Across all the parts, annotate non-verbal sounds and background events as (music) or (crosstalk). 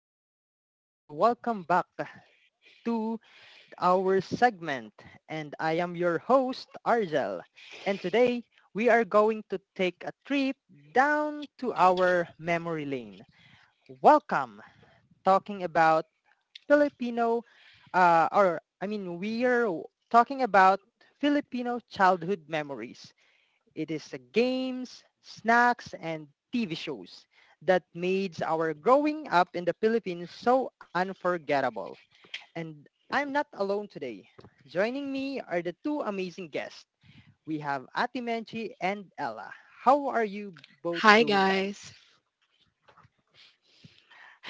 everyone, and welcome back to our segment. And I am your host, Argel. And today we are going to take a trip down to our memory lane. Welcome. Talking about Filipino, or I mean, we are talking about Filipino childhood memories. It is games, snacks, and TV shows that made our growing up in the Philippines so unforgettable. And I'm not alone today. Joining me are the two amazing guests. We have Ati Menchi and Ella. How are you both Hi doing, guys? guys.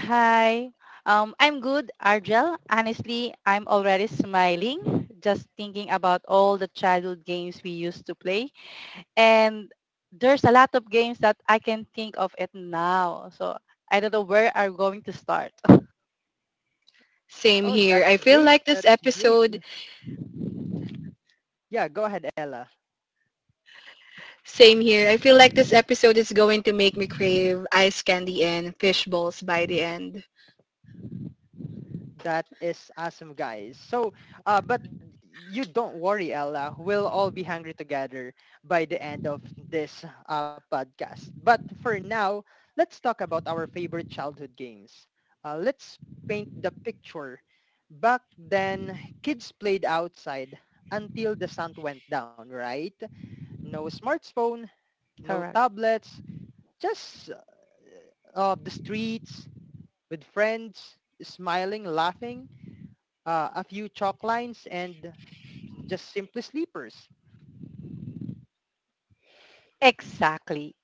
Hi. I'm good, Argel. Honestly, I'm already smiling just thinking about all the childhood games we used to play. And there's a lot of games that I can think of it now. So I don't know where are going to start. (laughs) Same Oh, here. I that's feel great. like this That's great. episode, Yeah, go ahead, Ella. Same here. I feel like this episode is going to make me crave ice candy and fish balls by the end. That is awesome, guys. So, but you don't worry, Ella. We'll all be hungry together by the end of this podcast. But for now, let's talk about our favorite childhood games. Let's paint the picture. Back then, kids played outside until the sun went down, right? No smartphone, no Correct. tablets, just the streets with friends, smiling, laughing, a few chalk lines and just simply sleepers. Exactly.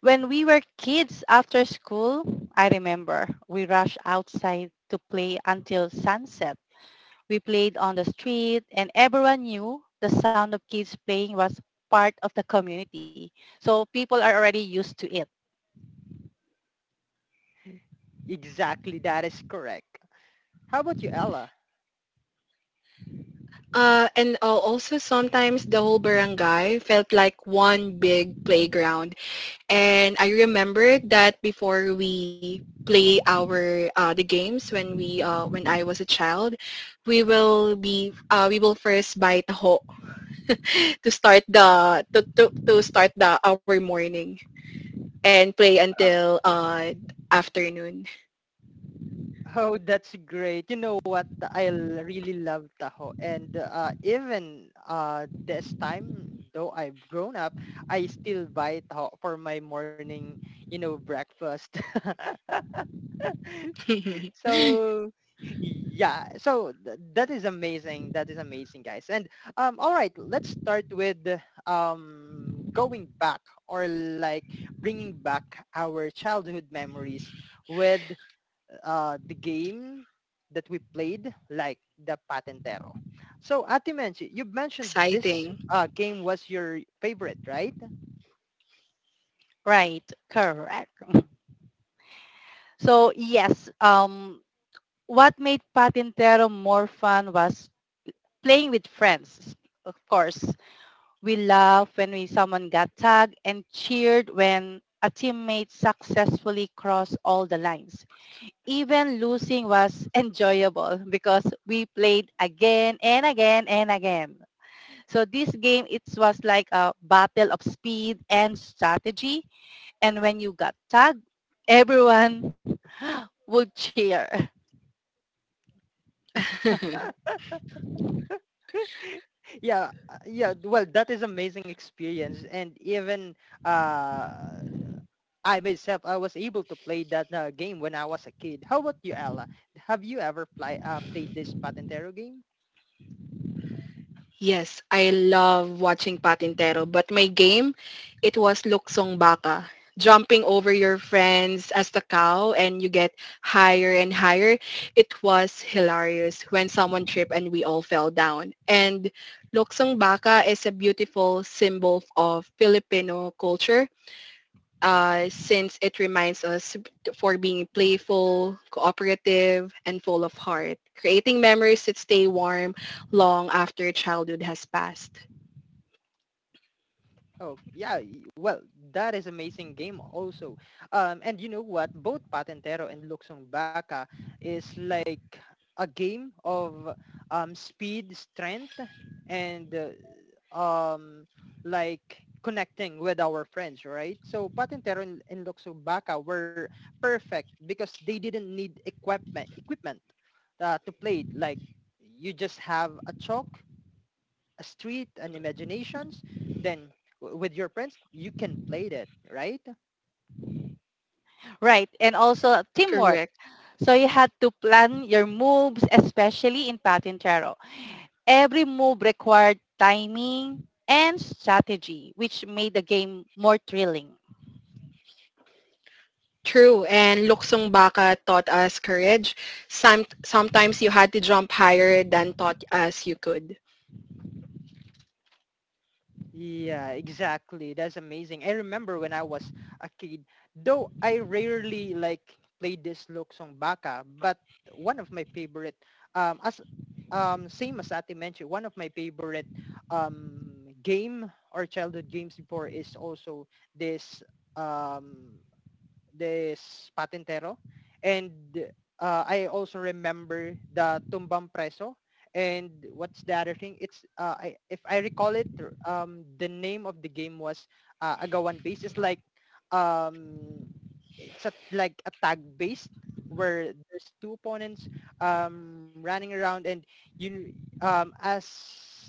When we were kids after school, I remember we rushed outside to play until sunset. We played on the street and everyone knew the sound of kids playing was part of the community. So people are already used to it. Exactly, that is correct. How about you, Ella? And also sometimes the whole barangay felt like one big playground. And I remember that before we play our the games when I was a child, we will first buy taho (laughs) to start the our morning. And play Oh, until afternoon. oh, that's great. You know what? I really love Tahoe. And even this time, though I've grown up, I still buy Tahoe for my morning, breakfast. (laughs) (laughs) So yeah, that is amazing. That is amazing, guys. And all right, let's start with going back, or like bringing back our childhood memories with the game that we played, like the Patentero. So, Ati, mentioned you mentioned this Exciting. Game was your favorite, right? Right. Correct. (laughs) So yes, what made Patintero more fun was playing with friends. Of course, we laughed when we someone got tagged and cheered when a teammate successfully crossed all the lines. Even losing was enjoyable because we played again and again and again. So this game, it was like a battle of speed and strategy. And when you got tagged, everyone would cheer. (laughs) (laughs) (laughs) Yeah, yeah, well, that is amazing experience. And even uh I myself, I was able to play that game when I was a kid. How about you, Ella? Have you ever played this Patentero game? Yes, I love watching Patintero, but my game, it was Luksong Baka. Jumping over your friends as the cow and you get higher and higher. It was hilarious when someone tripped and we all fell down. And Luksong Baka is a beautiful symbol of Filipino culture since it reminds us for being playful, cooperative, and full of heart, creating memories that stay warm long after childhood has passed. Oh, yeah. Well, that is amazing game also. And you know what? Both Patentero and Luxong Baka is like a game of speed, strength, and um, like connecting with our friends, right? So Patentero and Luxong Baka were perfect because they didn't need equipment to play. Like you just have a chalk, a street, and imaginations, then with your friends, you can play that, right? Right. And also teamwork. Correct. So you had to plan your moves, especially in Patintero. Every move required timing and strategy, which made the game more thrilling. True. And Luksong Baka taught us courage. Sometimes you had to jump higher than thought as you could. Yeah, exactly. That's amazing. I remember when I was a kid, though I rarely like played this Luksong Baka. But one of my favorite, as same as Ate mentioned, one of my favorite game or childhood games before is also this um this Patentero. And I also remember the Tumbang Preso. And what's the other thing? If I recall it, the name of the game was Agawan Base. It's um, like a tag based where there's two opponents running around, and you um, as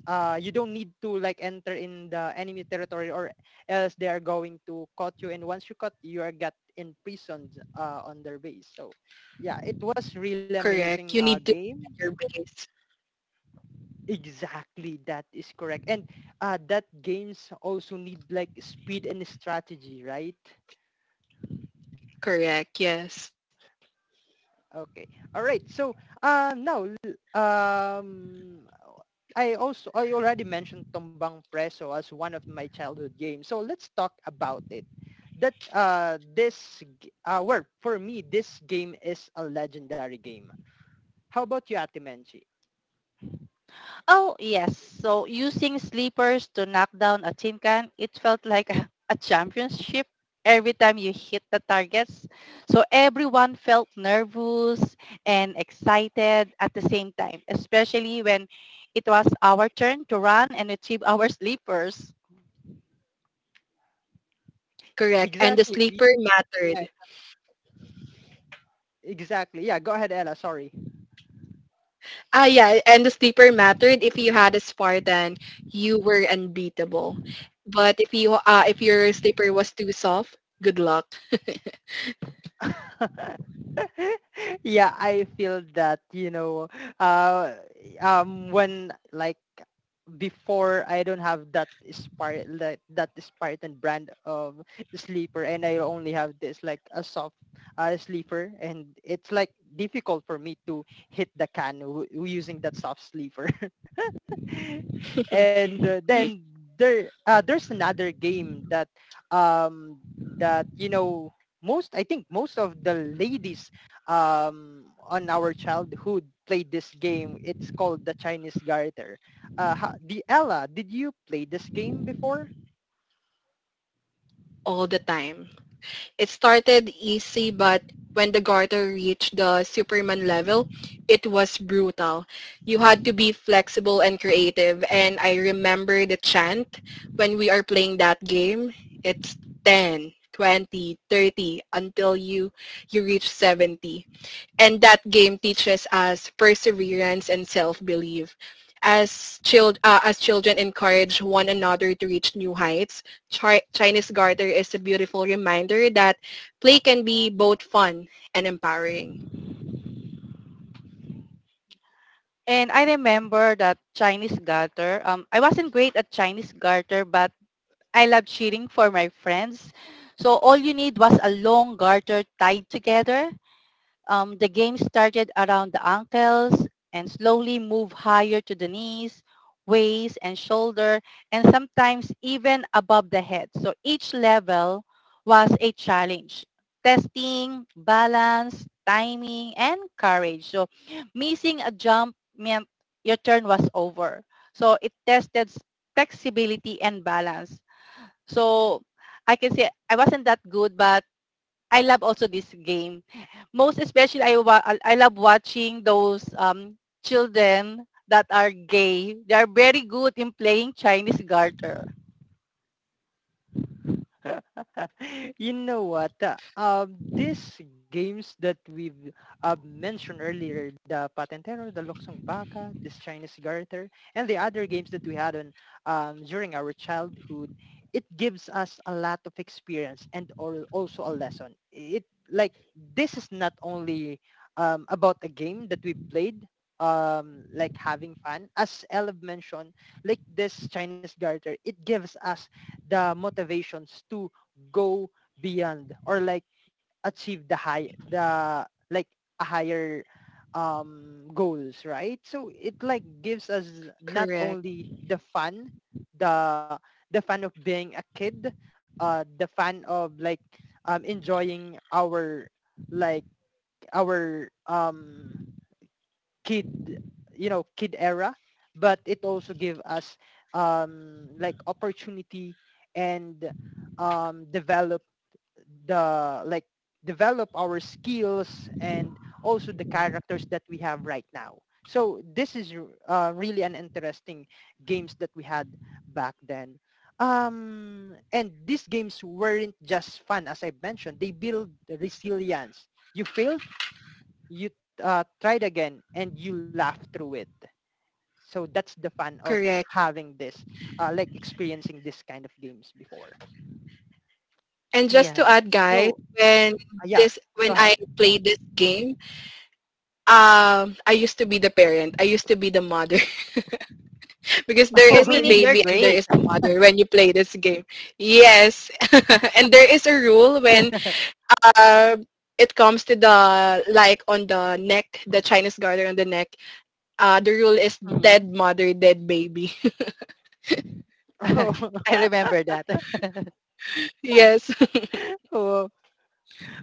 you don't need to like enter in the enemy territory, or else they are going to cut you. And once you cut, you are get imprisoned on their base. So yeah, it was really Correct. You amazing need to set game. your base. Exactly, that is correct. And that games also need like speed and strategy, right? Correct. Yes. Okay. All right. So, now, I already mentioned Tombang Preso as one of my childhood games. So let's talk about it. Well, for me, this game is a legendary game. How about you, Ate Menchi? Oh, yes. So using sleepers to knock down a tin can, it felt like a, (laughs) a championship every time you hit the targets. So everyone felt nervous and excited at the same time, especially when it was our turn to run and retrieve our sleepers. Correct. And the Exactly. (laughs) Sleeper yeah, mattered. exactly. Yeah. Go ahead, Ella. Sorry. Yeah, and the sleeper mattered. If you had a Spartan, you were unbeatable. But if your sleeper was too soft, good luck. (laughs) (laughs) yeah, I feel that, uh, when like before I don't have that Spart like that Spartan brand of sleeper, and I only have this like a soft sleeper, and it's like difficult for me to hit the can using that soft sleeper. (laughs) And (laughs) then there's another game that um that you know most I think most of the ladies on our childhood played this game. It's called the Chinese Garter. Ha- the Ella, did you play this game before? All the time. It started easy, but when the garter reached the Superman level, it was brutal. You had to be flexible and creative. And I remember the chant when we are playing that game. It's 10, 20, 30 until you reach 70. And that game teaches us perseverance and self-belief. As children encourage one another to reach new heights, Chinese Garter is a beautiful reminder that play can be both fun and empowering. And I remember that Chinese garter. I wasn't great at Chinese garter, but I loved cheering for my friends. So all you need was a long garter tied together. The game started around the ankles and slowly moved higher to the knees, waist, and shoulder, and sometimes even above the head. So each level was a challenge. Testing, balance, timing, and courage. So missing a jump meant your turn was over. So it tested flexibility and balance. So I can say I wasn't that good, but I love also this game. Most especially, I love watching those children that are gay. They are very good in playing Chinese garter. (laughs) You know what? These games that we've mentioned earlier, the Patentero, the Luxong Baka, this Chinese Garter, and the other games that we had on during our childhood, it gives us a lot of experience, and or also a lesson. It like This is not only about a game that we played, like having fun. As Elv mentioned, like this Chinese garter, it gives us the motivations to go beyond, or like achieve the high the like a higher goals, right? So it like gives us not Correct. only the fun, the the fun of being a kid, the fun of like enjoying our like our kid you know kid era. But it also give us, like, opportunity, and develop the like develop our skills and also the characters that we have right now. So this is really an interesting games that we had back then. And these games weren't just fun. As I mentioned, they build resilience. You failed, you tried again, and you laughed through it. So that's the fun of Correct. having this, like experiencing this kind of games before. And just to Yes. add, guys, So when yeah, go when ahead. I played this game, I used to be the parent. I used to be the mother, because (laughs) there So Oh, is the meaning really? you're baby and there great. is the mother when you play this game. Yes. (laughs) And there is a rule when uh, it comes to the like on the neck, the Chinese garter on the neck. The rule is dead Mhm. mother, dead baby. (laughs) (laughs) I remember that. (laughs) (laughs) Yes. Oh.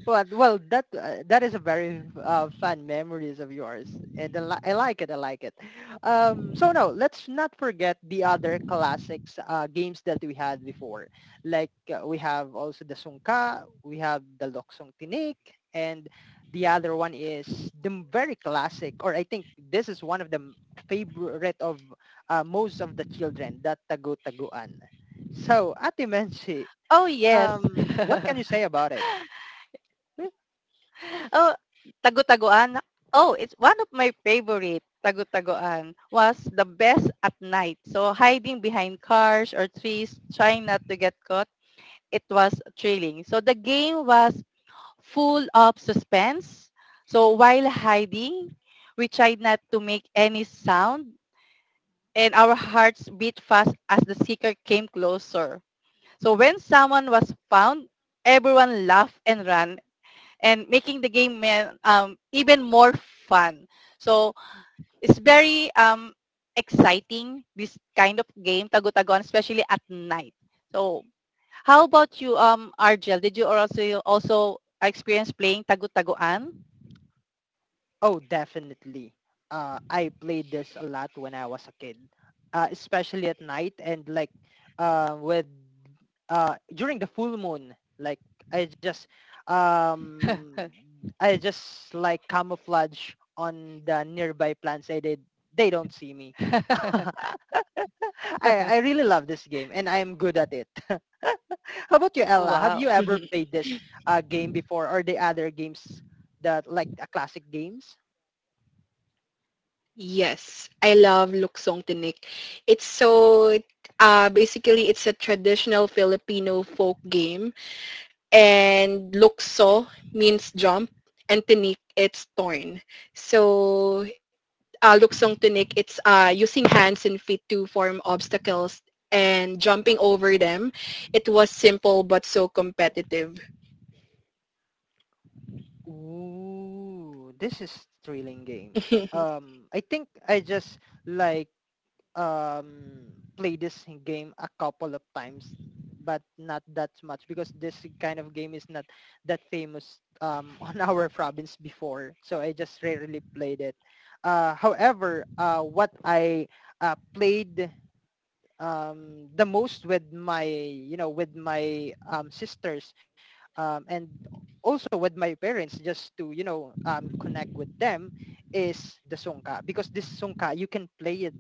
Well, that is a very fun memories of yours, and I like it. I like it. So no, let's not forget the other classics games that we had before. Like we have also the Sungka, we have the Loksong Tinik, and the other one is very classic, or I think this is one of the favorite of most of the children, that Tagu-Taguan. So, Ate Menchi, Oh yes. What can you (laughs) say about it? Oh, tagu-taguan. Oh, it's one of my favorite. Tagu-taguan was the best at night. So hiding behind cars or trees, trying not to get caught, it was thrilling. So the game was full of suspense. So while hiding, we tried not to make any sound and our hearts beat fast as the seeker came closer. So when someone was found, everyone laughed and ran and making the game even more fun. So it's very exciting, this kind of game, tagutagon, especially at night. So how about you, Argel? Did you also also experience playing tagu-taguan? Oh, definitely. I played this a lot when I was a kid, especially at night, and like with during the full moon. Like I just um, I just like camouflage on the nearby plants. I did. They don't see me. (laughs) (laughs) I really love this game and I'm good at it. (laughs) How about you, Ella? Have you Wow. ever played (laughs) this game before, or the other games that like classic games? Yes. I love Luksong Tinik. It's so basically it's a traditional Filipino folk game, and lukso means jump and tinik it's torn. So Luksong Tunik, it's using hands and feet to form obstacles and jumping over them. It was simple but so competitive. Ooh, this is thrilling game. (laughs) I think I just like um play this game a couple of times, but not that much because this kind of game is not that famous (laughs) on our province before. So I just rarely played it. However, what I played the most with my sisters, and also with my parents, just to, connect with them, is the songka, because this songka you can play it,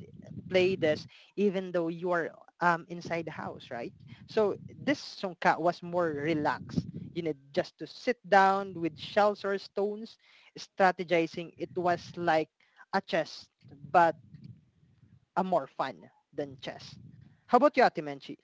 play this even though you are inside the house, right? So this songka was more relaxed, just to sit down with shells or stones, strategizing. It was like a chess, but a more fun than chess. How about you, Ate Menchi?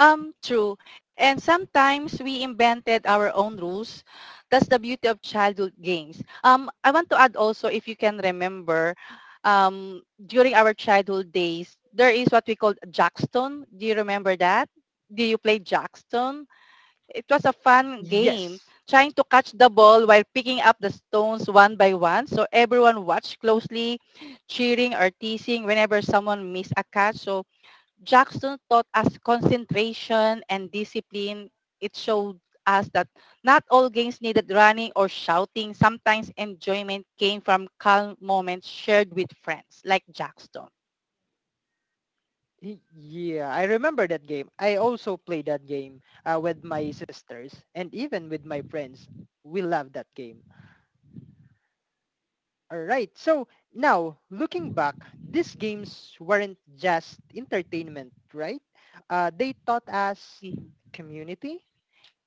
True. And sometimes we invented our own rules. That's the beauty of childhood games. I want to add also, if you can remember, during our childhood days, there is what we called Jackstone. Do you remember that? Do you play Jackstone? It was a fun game, Yes. trying to catch the ball while picking up the stones one by one. So everyone watched closely, cheering or teasing whenever someone missed a catch. So Jackson taught us concentration and discipline. It showed us that not all games needed running or shouting. Sometimes enjoyment came from calm moments shared with friends, like Jackson. Yeah, I remember that game. I also play that game with my sisters and even with my friends. We love that game. All right. So now, looking back, these games weren't just entertainment, right? They taught us Mhm. community,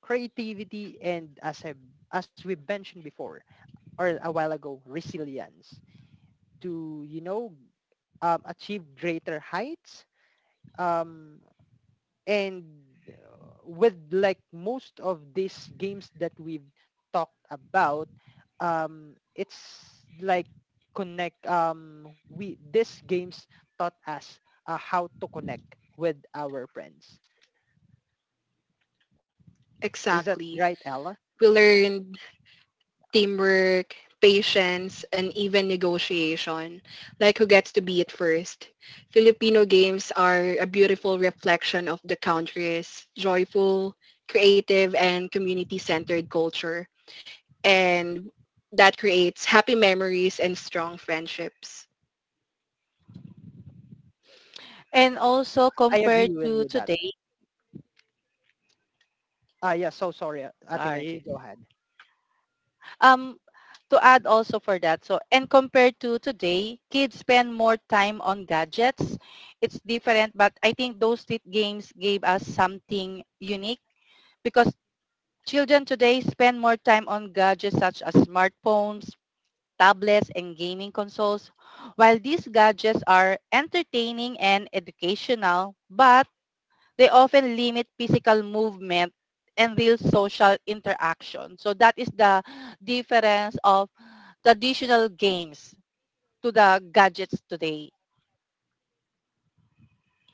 creativity, and, as we mentioned before or a while ago, resilience. To achieve greater heights. Um, and uh, with like most of these games that we've talked about, it's like connect. We these games taught us how to connect with our friends. Is that Exactly. right, Ella? We learned teamwork, patience, and even negotiation, like who gets to be it first. Filipino games are a beautiful reflection of the country's joyful, creative, and community-centered culture. And that creates happy memories and strong friendships. And also I compared agree with to you that. today, Ah, yeah, so sorry, Ate sorry, Menche, go ahead. um to add also for that, so and compared to today, kids spend more time on gadgets. It's different, but I think those lit games gave us something unique because children today spend more time on gadgets such as smartphones, tablets and gaming consoles. While these gadgets are entertaining and educational but they often limit physical movement and real social interaction. So that is the difference of traditional games to the gadgets today.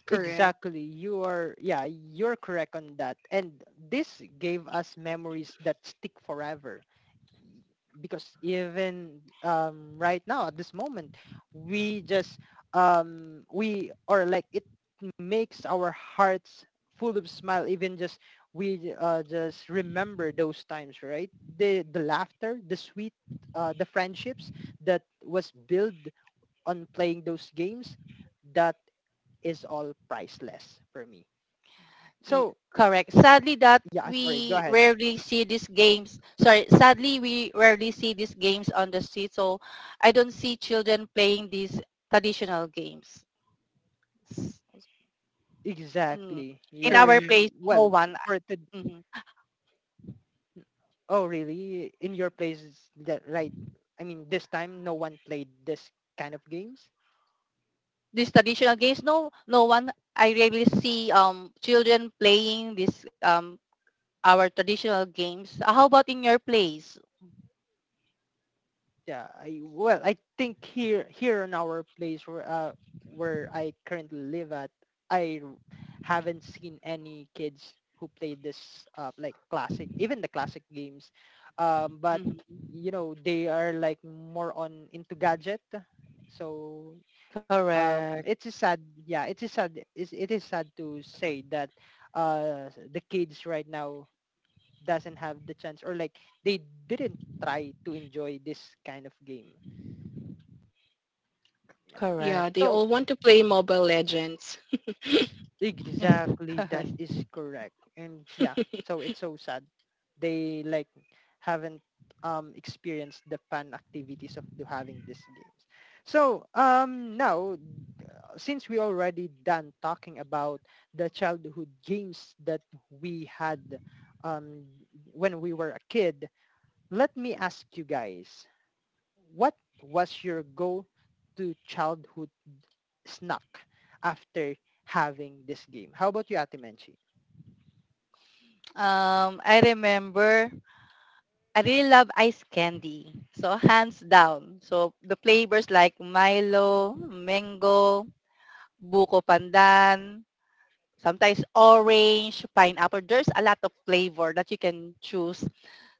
Exactly. Correct, Yeah, you're correct on that. And this gave us memories that stick forever. Because even right now, at this moment, we just, we, or like it makes our hearts full of smile, even just remember those times, right? The laughter, the sweet, the friendships that was built on playing those games, that is all priceless for me. Y- So Correct. Sadly, that yeah, sorry, go ahead. we rarely see these games. Sorry, sadly, we rarely see these games on the street. So I don't see children playing these traditional games. S- mm. Exactly. In Yeah. our correct. place, no Well, one. for the Mm-hmm. oh, really? In your place, that right? I mean, this time no one played this kind of games. These traditional games, no, no one. I rarely see children playing this our traditional games. How about in your place? Yeah, well, I think here in our place where I currently live at, I haven't seen any kids who played this, like, classic, even the classic games, but Mhm. They are like more on into gadget. So Correct, it's a sad yeah, it is sad. It is sad to say that the kids right now doesn't have the chance, or like they didn't try to enjoy this kind of game. Yeah. correct. Yeah, they So all want to play Mobile Legends. exactly, that (laughs) is correct. And yeah, so it's so sad. They like haven't experienced the fun activities of do having these games. So now since we already done talking about the childhood games that we had um when we were a kid, let me ask you guys, what was your go to childhood snack after having this game. How about you, Ate Menchi? I remember I really love ice candy. So hands down. So the flavors like Milo, mango, buko pandan, sometimes orange, pineapple. There's a lot of flavor that you can choose.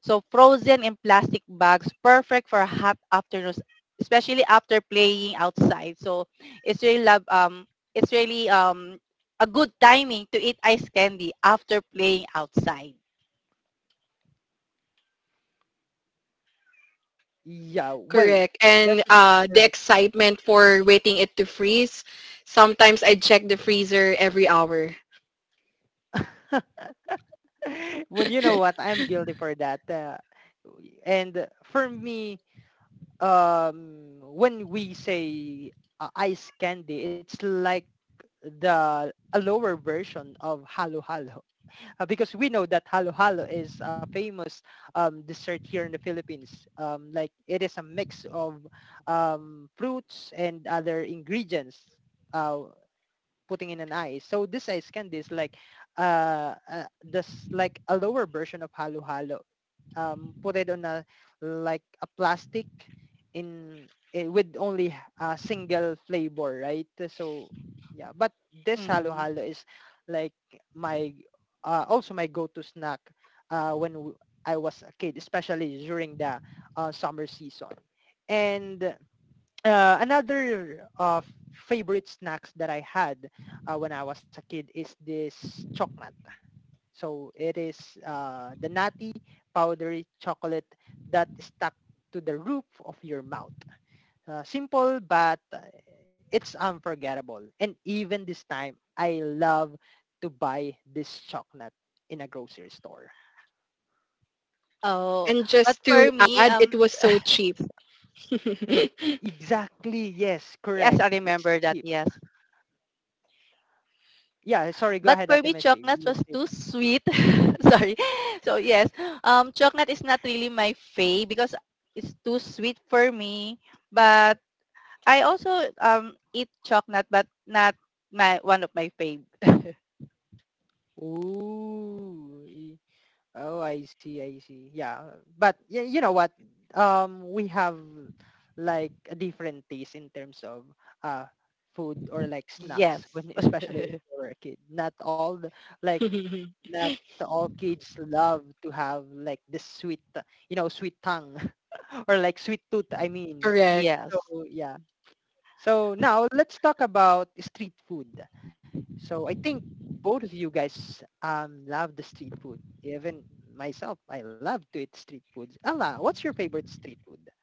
So frozen in plastic bags, perfect for hot afternoons, especially after playing outside. So it's really love, it's really a good timing to eat ice candy after playing outside. Yeah, well, Correct. that And is the correct. excitement for waiting it to freeze. Sometimes I check the freezer every hour. (laughs) Well, you know what? I'm guilty for that. And for me, when we say ice candy, it's like the a lower version of halo halo. Because we know that halo-halo is a famous dessert here in the Philippines. Like it is a mix of fruits and other ingredients uh, putting in an ice. So this ice candy is like this like a lower version of halo halo. Put it on a like a plastic in with only a single flavor, right? So yeah, but this halo halo Hmm. is like my also my go-to snack when I was a kid, especially during the summer season. And another favorite snacks that I had when I was a kid is this chocolate. So it is the nutty powdery chocolate that is stuck to the roof of your mouth. Simple, but it's unforgettable. And even this time, I love to buy this chocolate in a grocery store. And Oh, just to but for add, it me, was so cheap. (laughs) Exactly. Yes, yes, correct. I It's remember that. cheap. Yes, Yeah, sorry. Go but ahead, for Ate me, Meche. chocolate You was say too sweet. (laughs) Sorry. So yes, chocolate is not really my fave because it's too sweet for me. But I also eat chocolate, but not my one of my fave. something. Ooh. Oh, I see, I see. Yeah, but you know what? We have like a different taste in terms of uh food or like snacks when Yes, especially when we were a kid. Not all the, like not all kids love to have like the sweet, sweet tongue (laughs) or like sweet tooth. I mean, Correct. so yes. yeah. So now let's talk about street food. So I think both of you guys love the street food. Even myself, I love to eat street foods. Ella, what's your favorite street food?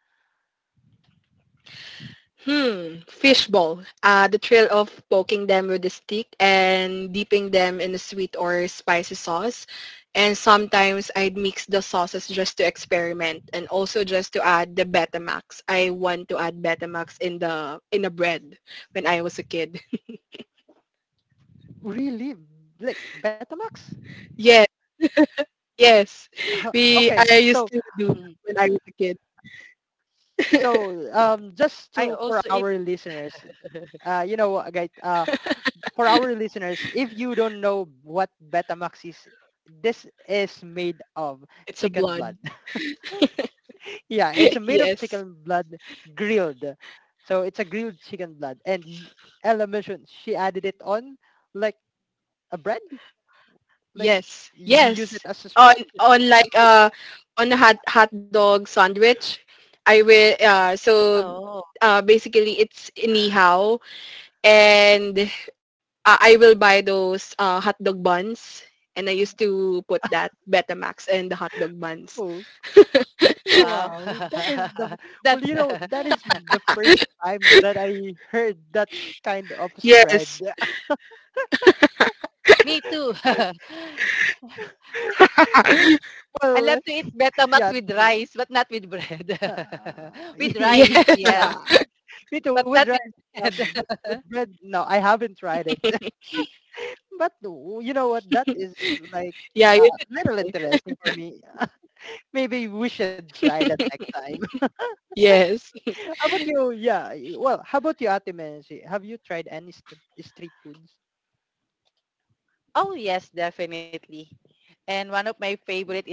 Hmm, fishball. The thrill of poking them with a stick and dipping them in a sweet or spicy sauce. And sometimes I'd mix the sauces just to experiment, and also just to add the Betamax. I want to add Betamax in the bread when I was a kid. (laughs) Really? Like Betamax? Yes, yes. Uh, We okay. I used So to do that Mhm. when I was a kid. so just to I for also our eat. listeners, you know what guys for our listeners, if you don't know what Betamax is, this is made of It's a chicken blood. blood. Yeah, it's (laughs) made y- of chicken Yes. blood grilled. So it's a grilled chicken blood. And Ella mentioned she added it on like a bread. Like Yes, you use it yes. as a On spread. on like on a hot dog sandwich, I will so Oh, basically it's nihaw, and I will buy those hot dog buns, and I used to put that Betamax and the hot dog buns. Oh, wow. wow. That is the, (laughs) well, you That's know, that is (laughs) the first time that I heard that kind of spread. Yes. (laughs) me too. (laughs) (laughs) I Well, love to eat yeah. Betamax with rice, but not with bread. Uh, (laughs) (laughs) With Yeah. rice, yes. yeah. Me too, But with rice. that being Yeah, said. but with (laughs) bread, no, I haven't tried it. But no, you know what? That is like Yeah, you— a little interesting for me. (laughs) Maybe we should try that next time. Yes. (laughs) How about you? Yeah. Well, how about you, Ate Menchi? Have you tried any street foods? Oh, yes, definitely. And one of my favorite is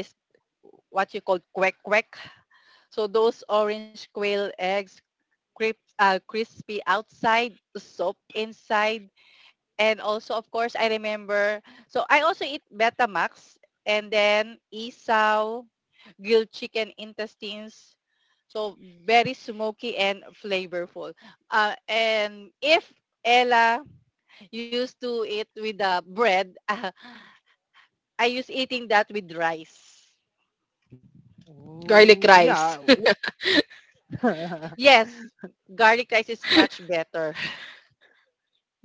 what you call quack quack. So those orange quail eggs, crisp, crispy outside, soft inside. And also, of course, I remember. So I also eat Betamax and then isaw, grilled chicken intestines. So very smoky and flavorful. And if Ella used to it with the bread. (laughs) Ah, I used eating that with rice. Garlic Oh, yeah. rice. (laughs) (laughs) Yeah. Yes, garlic rice is much better. (laughs)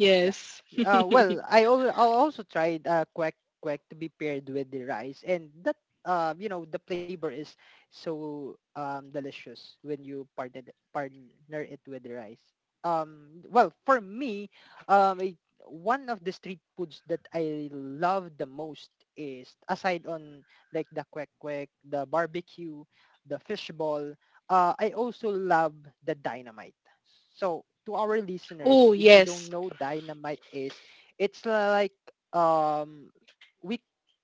Yes. Well, I also tried quack quack to be paired with the rice, and that you know the flavor is so delicious when you partner it with the rice. Well, for me, um, it, one of the street foods that I love the most is aside on like the quack quack, the barbecue, the fishball. I also love the dynamite. So to our listeners, Oh, if you yes. don't know dynamite is, it's like um we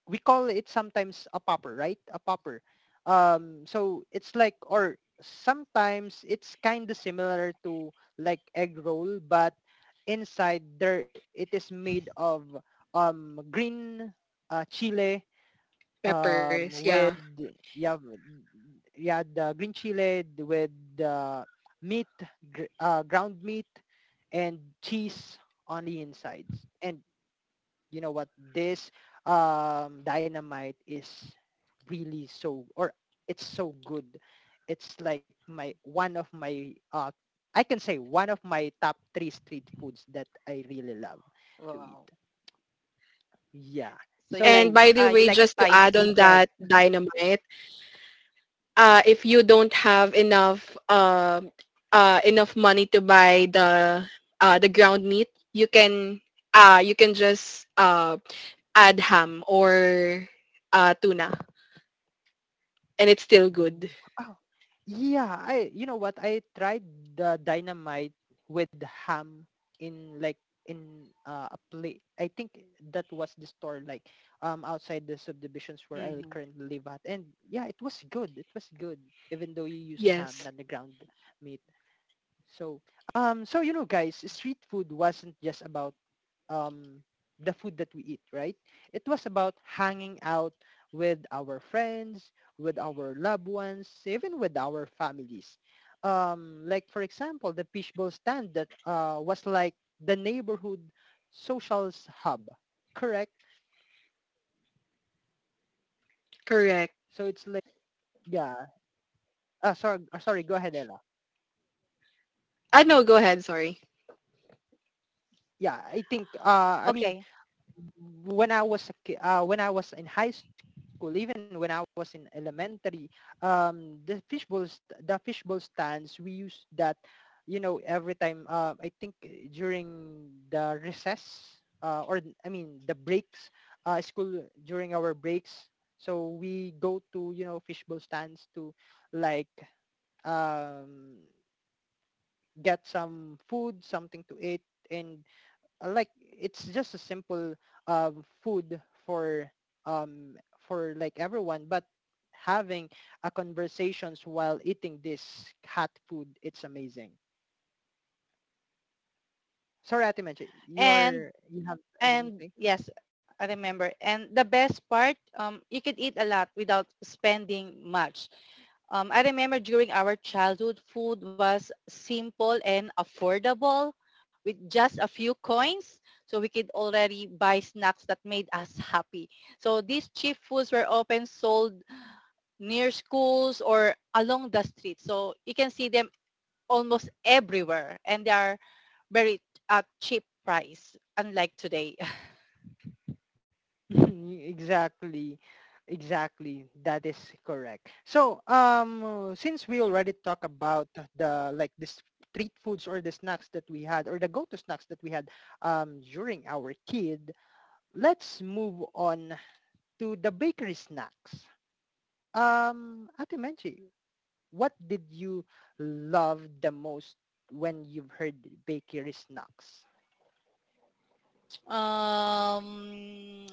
we call it sometimes a popper, right? A popper. So it's like or sometimes it's kind of similar to like egg roll, but inside there it is made of green chile Peppers, yeah. with yeah yeah the green chili with the meat ground meat and cheese on the insides. And you know what, this dynamite is really so or it's so good. It's like my one of my I can say one of my top three street foods that I really love to eat. Wow. Yeah. So And So by the you way, like just to add yeah, spicy. on go ahead. that dynamite, if you don't have enough money to buy the ground meat, you can just add ham or tuna, and it's still good. Mm. Oh, yeah. I You know what? I tried the dynamite with ham in like in a play. I think that was the store like outside the subdivisions where I Mhm. currently live at. And yeah, it was good. It was good, even though you used ham, Yes, not the ground meat. So so you know guys, street food wasn't just about um, the food that we eat, right? It was about hanging out with our friends, with our loved ones, even with our families. Like for example, the fishbowl stand that was like the neighborhood social hub, correct? correct. So it's like yeah. Sorry, sorry. Go ahead, Ella. No, go ahead. Sorry. Yeah, I think. I mean, Okay. when I was when I was in high school, even when I was in elementary, the the fishbowl stands we used that, you know, every time. I think during the recess, or I mean the breaks, school during our breaks. So we go to you know fishbowl stands to like um, get some food, something to eat, and like it's just a simple food um for like everyone, but having a conversations while eating this cat food, it's amazing. Sorry, atimenche, And you have anything to And say? yes, I remember. And the best part, you could eat a lot without spending much. I remember during our childhood, food was simple and affordable with just a few coins. So we could already buy snacks that made us happy. So these cheap foods were often sold near schools or along the street. So you can see them almost everywhere and they are very at cheap price, unlike today. (laughs) Exactly, exactly that is correct. So since we already talked about the like this street foods or the snacks that we had or the go-to snacks that we had during our kid, let's move on to the bakery snacks. Ate Menchi, what did you love the most when you've heard bakery snacks? Um,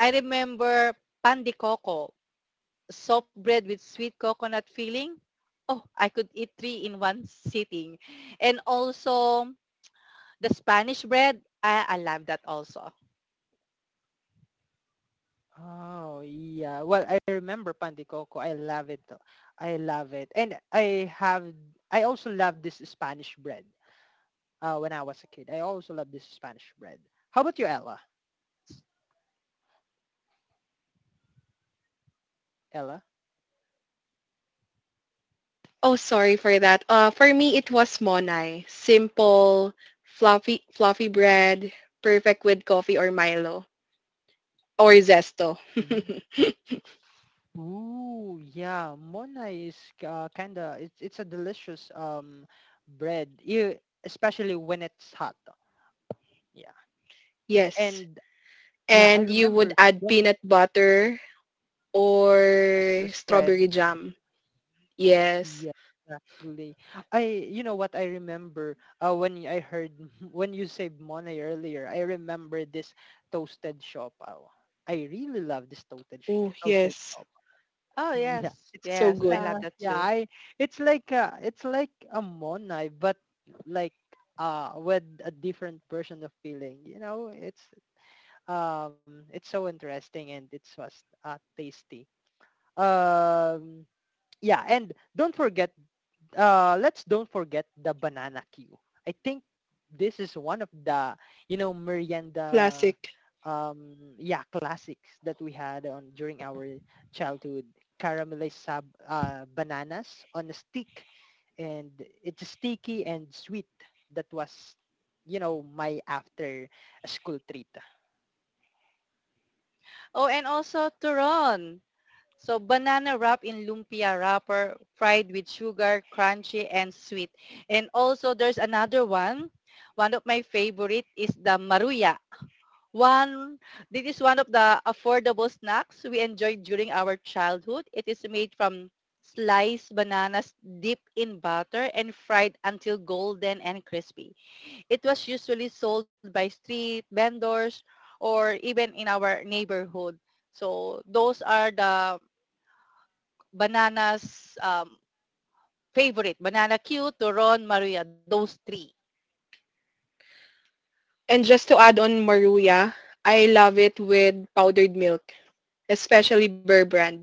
I remember pan coco, soft bread with sweet coconut filling. Oh, I could eat three in one sitting. And also the Spanish bread, I love that also. Oh yeah. Well, I remember Pandi Coco. I love it. I love it. And I also love this Spanish bread. When I was a kid, I also love this Spanish bread. How about you, Ella? Ella? Oh, sorry for that. For me, it was monai. Simple, fluffy bread, perfect with coffee or Milo or zesto. Ooh, yeah, mona is kinda it's a delicious bread, especially when it's hot. Yeah, (laughs) Yes, and yeah, I and you would remember add when peanut butter or spread. strawberry jam. Yes. Yeah, exactly. I You know what, I remember when I heard (laughs) when you said mona earlier, I remember this toasted shop. I really love this Oh, toasted yes. shop. (laughs) Oh, Yeah, yes. it's So Yes, I good. love that yeah, too. I it's like a monai, but like with a different version of feeling. You know, it's so interesting and it's was tasty. Um yeah, and don't forget let's don't forget the banana queue. I think this is one of the, you know, merienda, Classic. Yeah, classics that we had on during our childhood. Caramelized bananas on a stick, and it's sticky and sweet. That was, you know, my after school treat. Oh, and also turon. So banana wrap in lumpia wrapper, fried with sugar, crunchy and sweet. And also there's another one. One of my favorite is the maruya. One, this is one of the affordable snacks we enjoyed during our childhood. It is made from sliced bananas dipped in butter and fried until golden and crispy. It was usually sold by street vendors or even in our neighborhood. So those are the Banana's favorite, Banana Q, Turon, Maria, those three. And just to add on Maruya, I love it with powdered milk, especially Burr brand.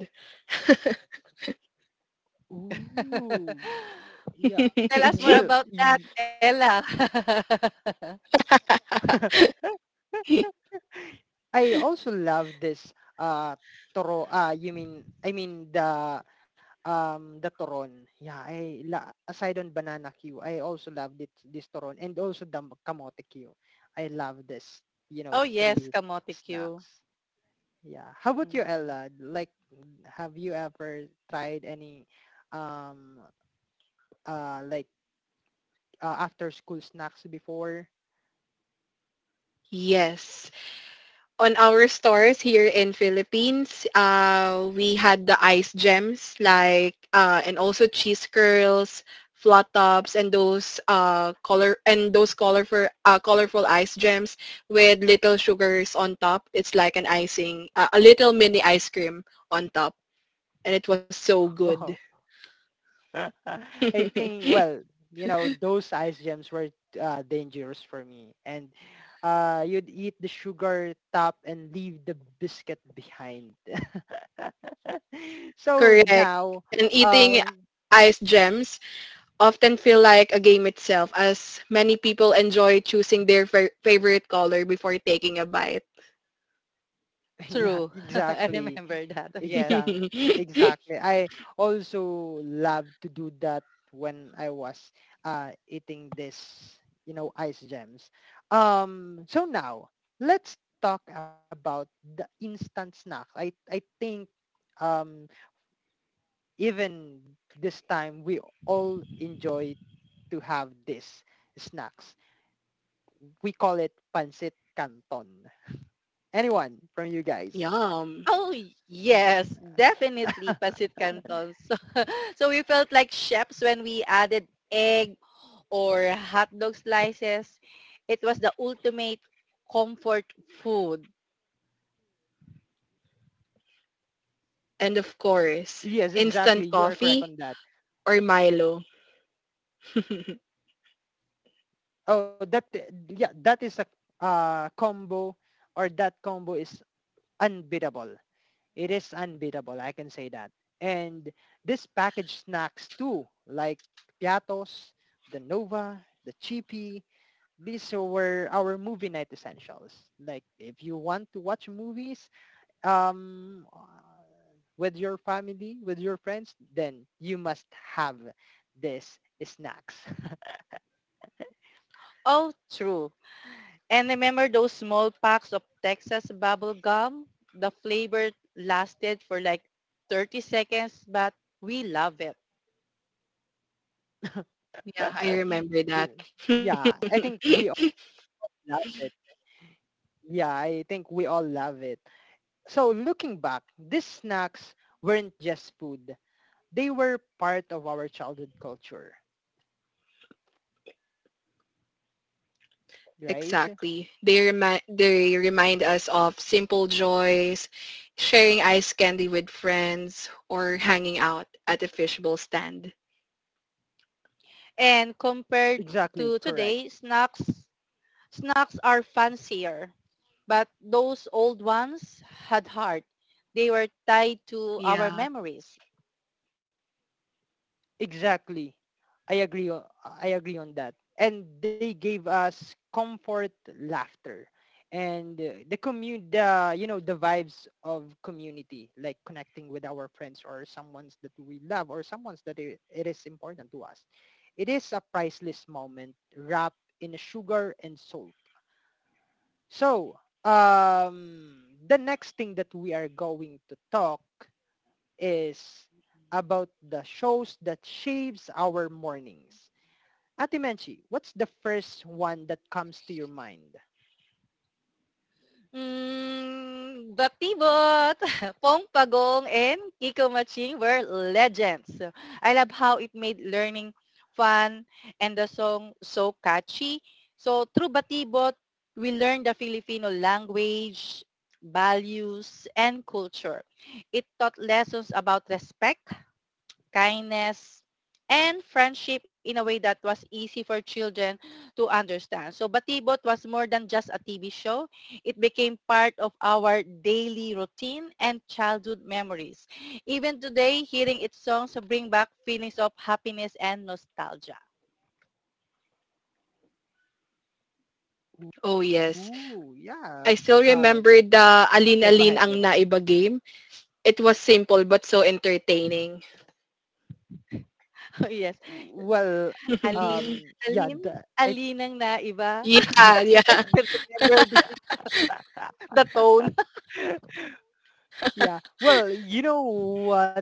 Ooh, (laughs) yeah. (laughs) Tell us more Well, about that, Ella. (laughs) (laughs) I also love this uh toro ah you mean I mean the toron. Yeah, I la aside on banana queue, I also love this toron and also the kamote queue. I love this, you know, Oh, yes, three Kamote Q. snacks. Yeah. How about you, Mhm. Ella? Like, have you ever tried any, um, like after school snacks before? Yes. On our stores here in Philippines, we had the ice gems and also cheese curls, flat tops, and those colorful colorful ice gems with little sugars on top. It's like an icing, a little mini ice cream on top, and it was so (laughs) good. Oh, (laughs) (laughs) I think. Well, you know, those ice gems were dangerous for me, and you'd eat the sugar top and leave the biscuit behind. (laughs) So Correct. now, And eating um, ice gems often feel like a game itself, as many people enjoy choosing their favorite color before taking a bite. (laughs) Yeah, True. (laughs) I exactly. remember that. Yes. Exact (laughs) exactly. I also love to do that when I was eating this, you know, ice gems. So now let's talk about the instant snack. I think um even this time we all enjoy to have this snacks. We call it pancit canton. Anyone from you guys? Yum. Oh, yes, definitely Uh, (laughs) Pasit Canton. So, (laughs) so we felt like chefs when we added egg or hot dog slices. It was the ultimate comfort food. And of course, Yes, instant exactly. You are correct coffee on that. or Milo. (laughs) Oh, that yeah, that is a combo or that combo is unbeatable. It is unbeatable. I can say that. And this packaged snacks too, like piatos, the Nova, the Chippy. These were our movie night essentials. Like if you want to watch movies, um, uh, with your family, with your friends, then you must have these snacks. Oh, true. And remember those small packs of Texas bubble gum? The flavor lasted for like 30 seconds, but we love it. (laughs) Yeah, I (laughs) remember that. Ooh, yeah, I think we all love it. Yeah, I think we all love it. So looking back, these snacks weren't just food. They were part of our childhood culture, right? Exactly. They remind us of simple joys, sharing ice candy with friends or hanging out at a fishbowl stand. And compared to Exactly, correct. today, snacks are fancier. But those old ones had heart. They were tied to our Yeah. memories. Exactly. I agree. I agree on that. And they gave us comfort, laughter, and the commun the you know the vibes of community, like connecting with our friends or someone's that we love or someone's that it is important to us. It is a priceless moment wrapped in sugar and salt. So, the next thing that we are going to talk is about the shows that shapes our mornings. Ate Menchi, what's the first one that comes to your mind? Hmm, Batibot, (laughs) Pong Pagong, and Kiko Maching were legends. So, I love how it made learning fun and the song so catchy. So through Batibot, we learned the Filipino language, values, and culture. It taught lessons about respect, kindness, and friendship in a way that was easy for children to understand. So Batibot was more than just a TV show. It became part of our daily routine and childhood memories. Even today, hearing its songs bring back feelings of happiness and nostalgia. Oh yes. Ooh, yeah. I still Um, remember the yeah, Alin go ahead, Alin Leila. ang Naiba game. It was simple but so entertaining. (laughs) Oh yes. Well, (laughs) Alin, yeah, alin, the, alin ang naiba. Yeah, (laughs) I yeah, still remember I the tone. (laughs) (laughs) Yeah. Well, you know what?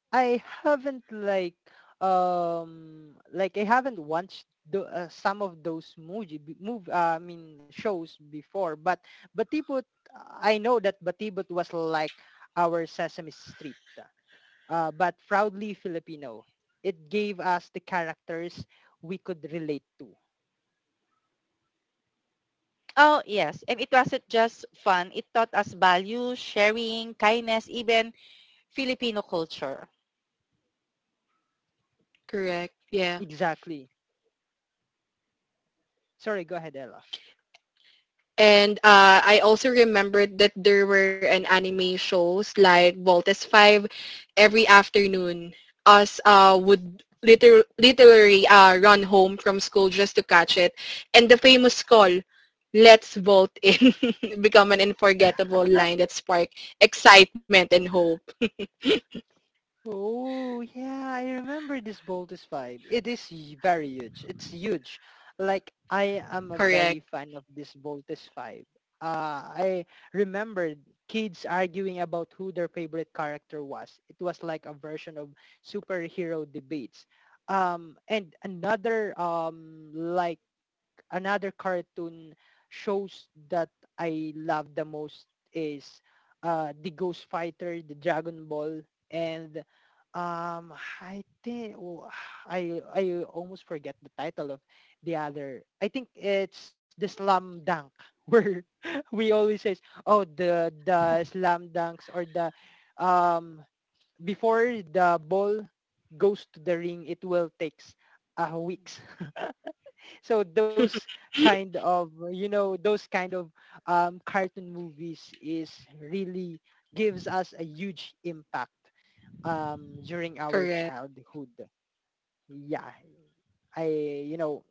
I haven't like I haven't watched the, some of those movie b- move I mean shows before, but Batibot I know that Batibot was like our Sesame Street, but proudly Filipino. It gave us the characters we could relate to. Oh, yes. And it wasn't just fun. It taught us value, sharing, kindness, even Filipino culture. correct. Yeah. Exactly. Sorry, go ahead, Ella. And I also remembered that there were an anime shows like Voltes 5 every afternoon. Us would literally run home from school just to catch it. And the famous call, let's vote in, (laughs) become an unforgettable line that sparked excitement and hope. Oh, yeah, I remember this Baldur's 5. It is very huge. It's huge. Like, I (laughs) am a Correct, very fan of this Baldur's 5. I remember kids arguing about who their favorite character was. It was like a version of superhero debates. And another like another cartoon shows that I love the most is the Ghost Fighter, the Dragon Ball, and um, I think I almost forget the title of the other. I think it's the Slam Dunk, where (laughs) we always says, oh, the Slam Dunks or the um, before the ball goes to the ring, it will takes weeks. (laughs) so those kind of, you know, those kind of cartoon movies is really gives us a huge impact during our correct. childhood. Yeah, I, you know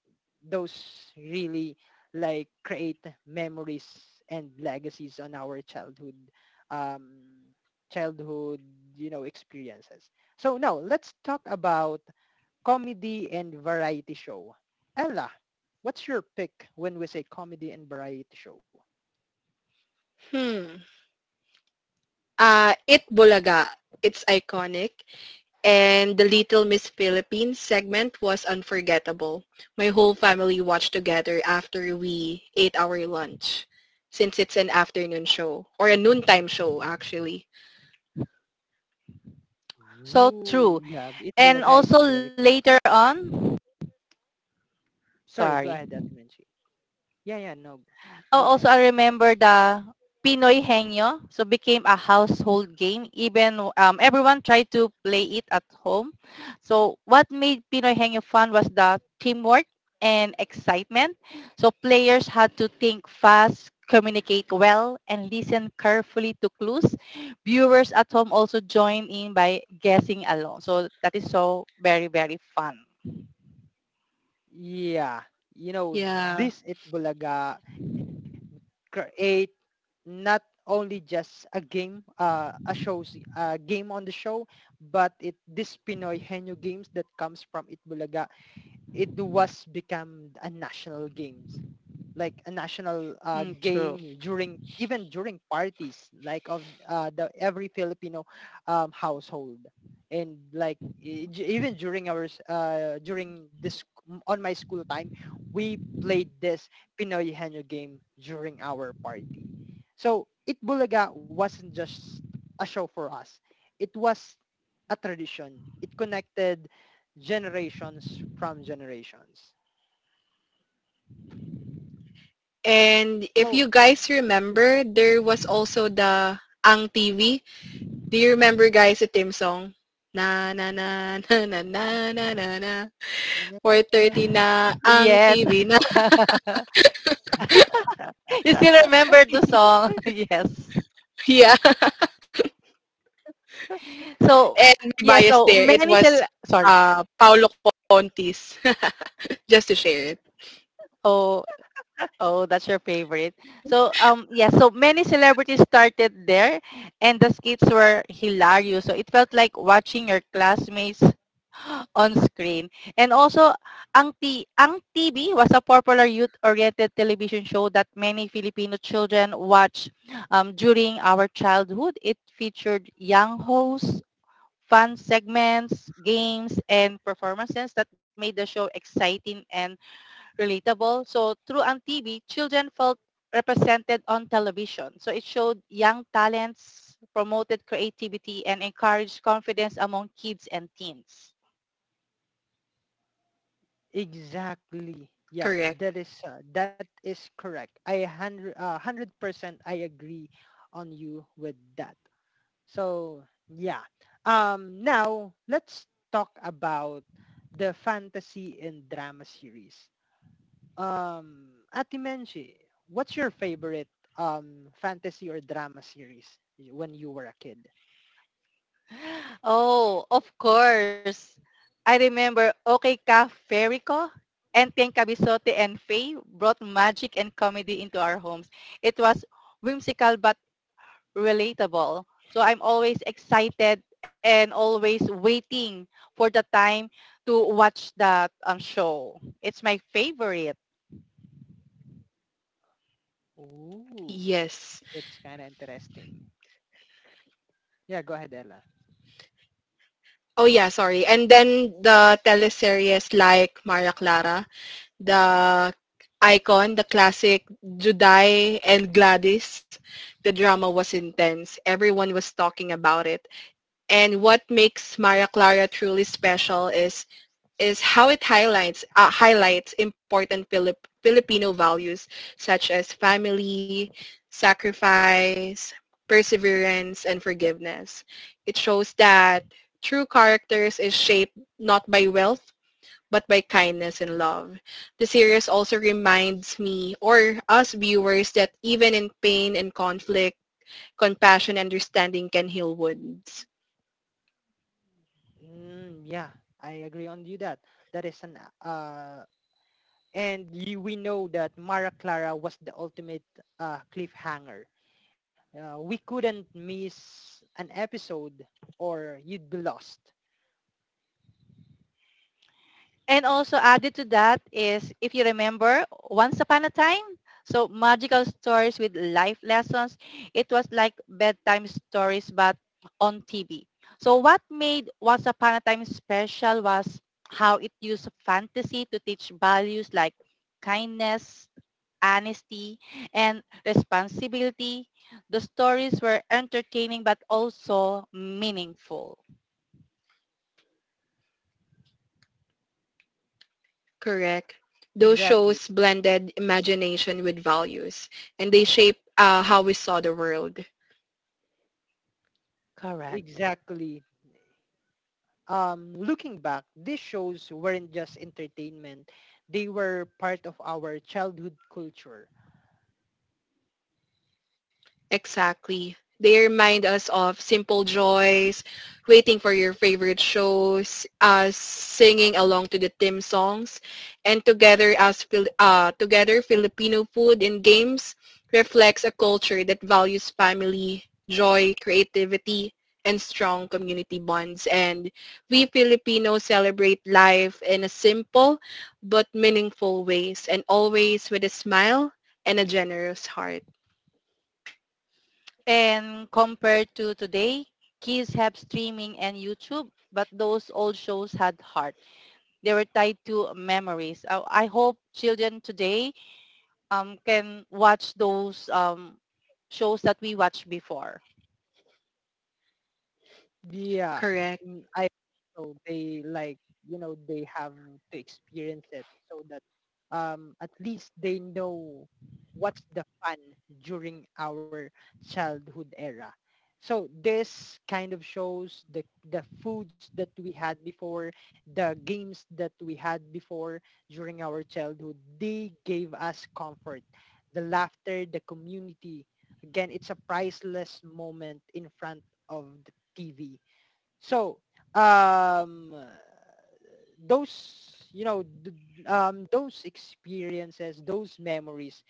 those really like create memories and legacies on our childhood, um, childhood, experiences. So now let's talk about comedy and variety show. Ella, what's your pick when we say comedy and variety show? Hmm. It Bulaga. It's iconic. And the Little Miss Philippines segment was unforgettable. My whole family watched together after we ate our lunch, since it's an afternoon show or a noontime show actually. So Ooh, true. yeah, It And Bulaga is also very later classic. on, Sorry, go sorry, ahead, Ate Menchi. Yeah, yeah, no, oh, go also ahead. I remember the Pinoy Henyo, so became a household game. Even everyone tried to play it at home. So what made Pinoy Henyo fun was the teamwork and excitement. So players had to think fast, communicate well, and listen carefully to clues. Viewers at home also joined in by guessing along. So that is so very, very fun. Yeah, you know, Yeah. this It Bulaga create not only just a game, a shows, a game on the show, but it this Pinoy Henyo games that comes from It Bulaga, it was become a national games like a national Mm, true. game during, even during parties like of the every Filipino household. And like even during during this, on my school time we played this Pinoy Henyo game during our party. So Itbulaga wasn't just a show for us, it was a tradition. It connected generations from generations. And if So you guys remember, there was also the Ang TV. Do you remember guys the theme song? Na na na (laughs) na na na na na na 4:30 na ang Yes. TV na. (laughs) (laughs) (laughs) You still remember the song? (laughs) Yes. Yeah. So And my yeah, bias so there, it many was sorry. Paolo Contis, (laughs) just to share it. Oh, oh, that's your favorite. So yeah, so many celebrities started there and the skits were hilarious. So it felt like watching your classmates (laughs) on screen. And also Ang TV was a popular youth oriented television show that many Filipino children watch during our childhood. It featured young hosts, fun segments, games, and performances that made the show exciting and relatable. So through TV, children felt represented on television. So it showed young talents, promoted creativity, and encouraged confidence among kids and teens. exactly. Yeah, Correct. That is correct. I hundred 100% I agree on you with that. So yeah. Now let's talk about the fantasy and drama series. Atimenshi, what's your favorite fantasy or drama series when you were a kid? Oh, of course. I remember Okay Ka Ferico and Ten Cabisote and Faye brought magic and comedy into our homes. It was whimsical but relatable. So I'm always excited and always waiting for the time to watch that show. It's my favorite. Ooh, Yes. that's kind of interesting. Yeah. Go ahead, Ella. Oh yeah, sorry. And then the teleseries like Maria Clara, the icon, the classic Juday and Gladys, the drama was intense. Everyone was talking about it. And what makes Maria Clara truly special is how it highlights important Filipino values such as family, sacrifice, perseverance, and forgiveness. It shows that true characters is shaped not by wealth but by kindness and love. The series also reminds me or us viewers that even in pain and conflict, compassion and understanding can heal wounds. Mm, yeah, I agree on you that. That is an and you, we know that Mara Clara was the ultimate cliffhanger. We couldn't miss an episode or you'd be lost. And also added to that is, if you remember, Once Upon a Time, so magical stories with life lessons. It was like bedtime stories but on TV. So what made Once Upon a Time special was how it used fantasy to teach values like kindness, honesty, and responsibility. The stories were entertaining but also meaningful. Correct. Those Exactly. shows blended imagination with values, and they shaped how we saw the world. Correct. Exactly. Um, looking back, these shows weren't just entertainment. They were part of our childhood culture. Exactly. They remind us of simple joys, waiting for your favorite shows, singing along to the theme songs, and together Filipino food and games reflects a culture that values family, joy, creativity, and strong community bonds. And we Filipinos celebrate life in a simple but meaningful ways, and always with a smile and a generous heart. And compared to today, kids have streaming and YouTube, but those old shows had heart. They were tied to memories. I hope children today can watch those shows that we watched before. Yeah, Correct. mm, I so they like, you know, they have to experience it so that at least they know what's the fun during our childhood era. So this kind of shows the foods that we had before, the games that we had before during our childhood. They gave us comfort, the laughter, the community. Again, it's a priceless moment in front of the TV. So, um, those, you know, those experiences, those memories,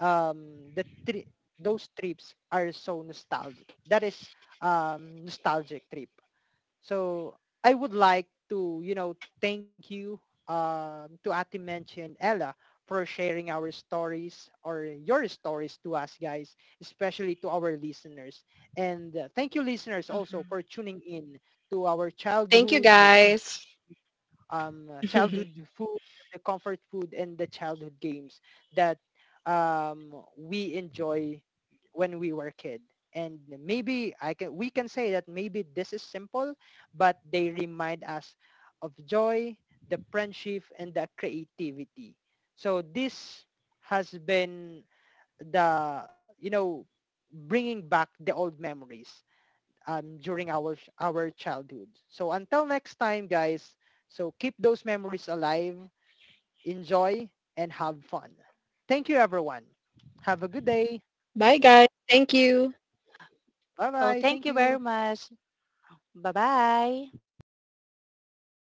um, the tri- those trips are so nostalgic. That is nostalgic trip. So I would like to, you know, thank you, to Ati Menchi and Ella for sharing our stories or your stories to us guys, especially to our listeners. And thank you listeners also Mhm. for tuning in to our Thank you, childhood guys. Childhood (laughs) food, the comfort food, and the childhood games that um, we enjoy when we were a kid. And maybe I can we can say that maybe this is simple, but they remind us of joy, the friendship, and the creativity. So this has been, the you know, bringing back the old memories during our childhood. So until next time, guys. So keep those memories alive, enjoy, and have fun. Thank you, everyone. Have a good day. Bye, guys. Thank you. Bye Oh, bye. Thank thank you you. very much. Bye-bye.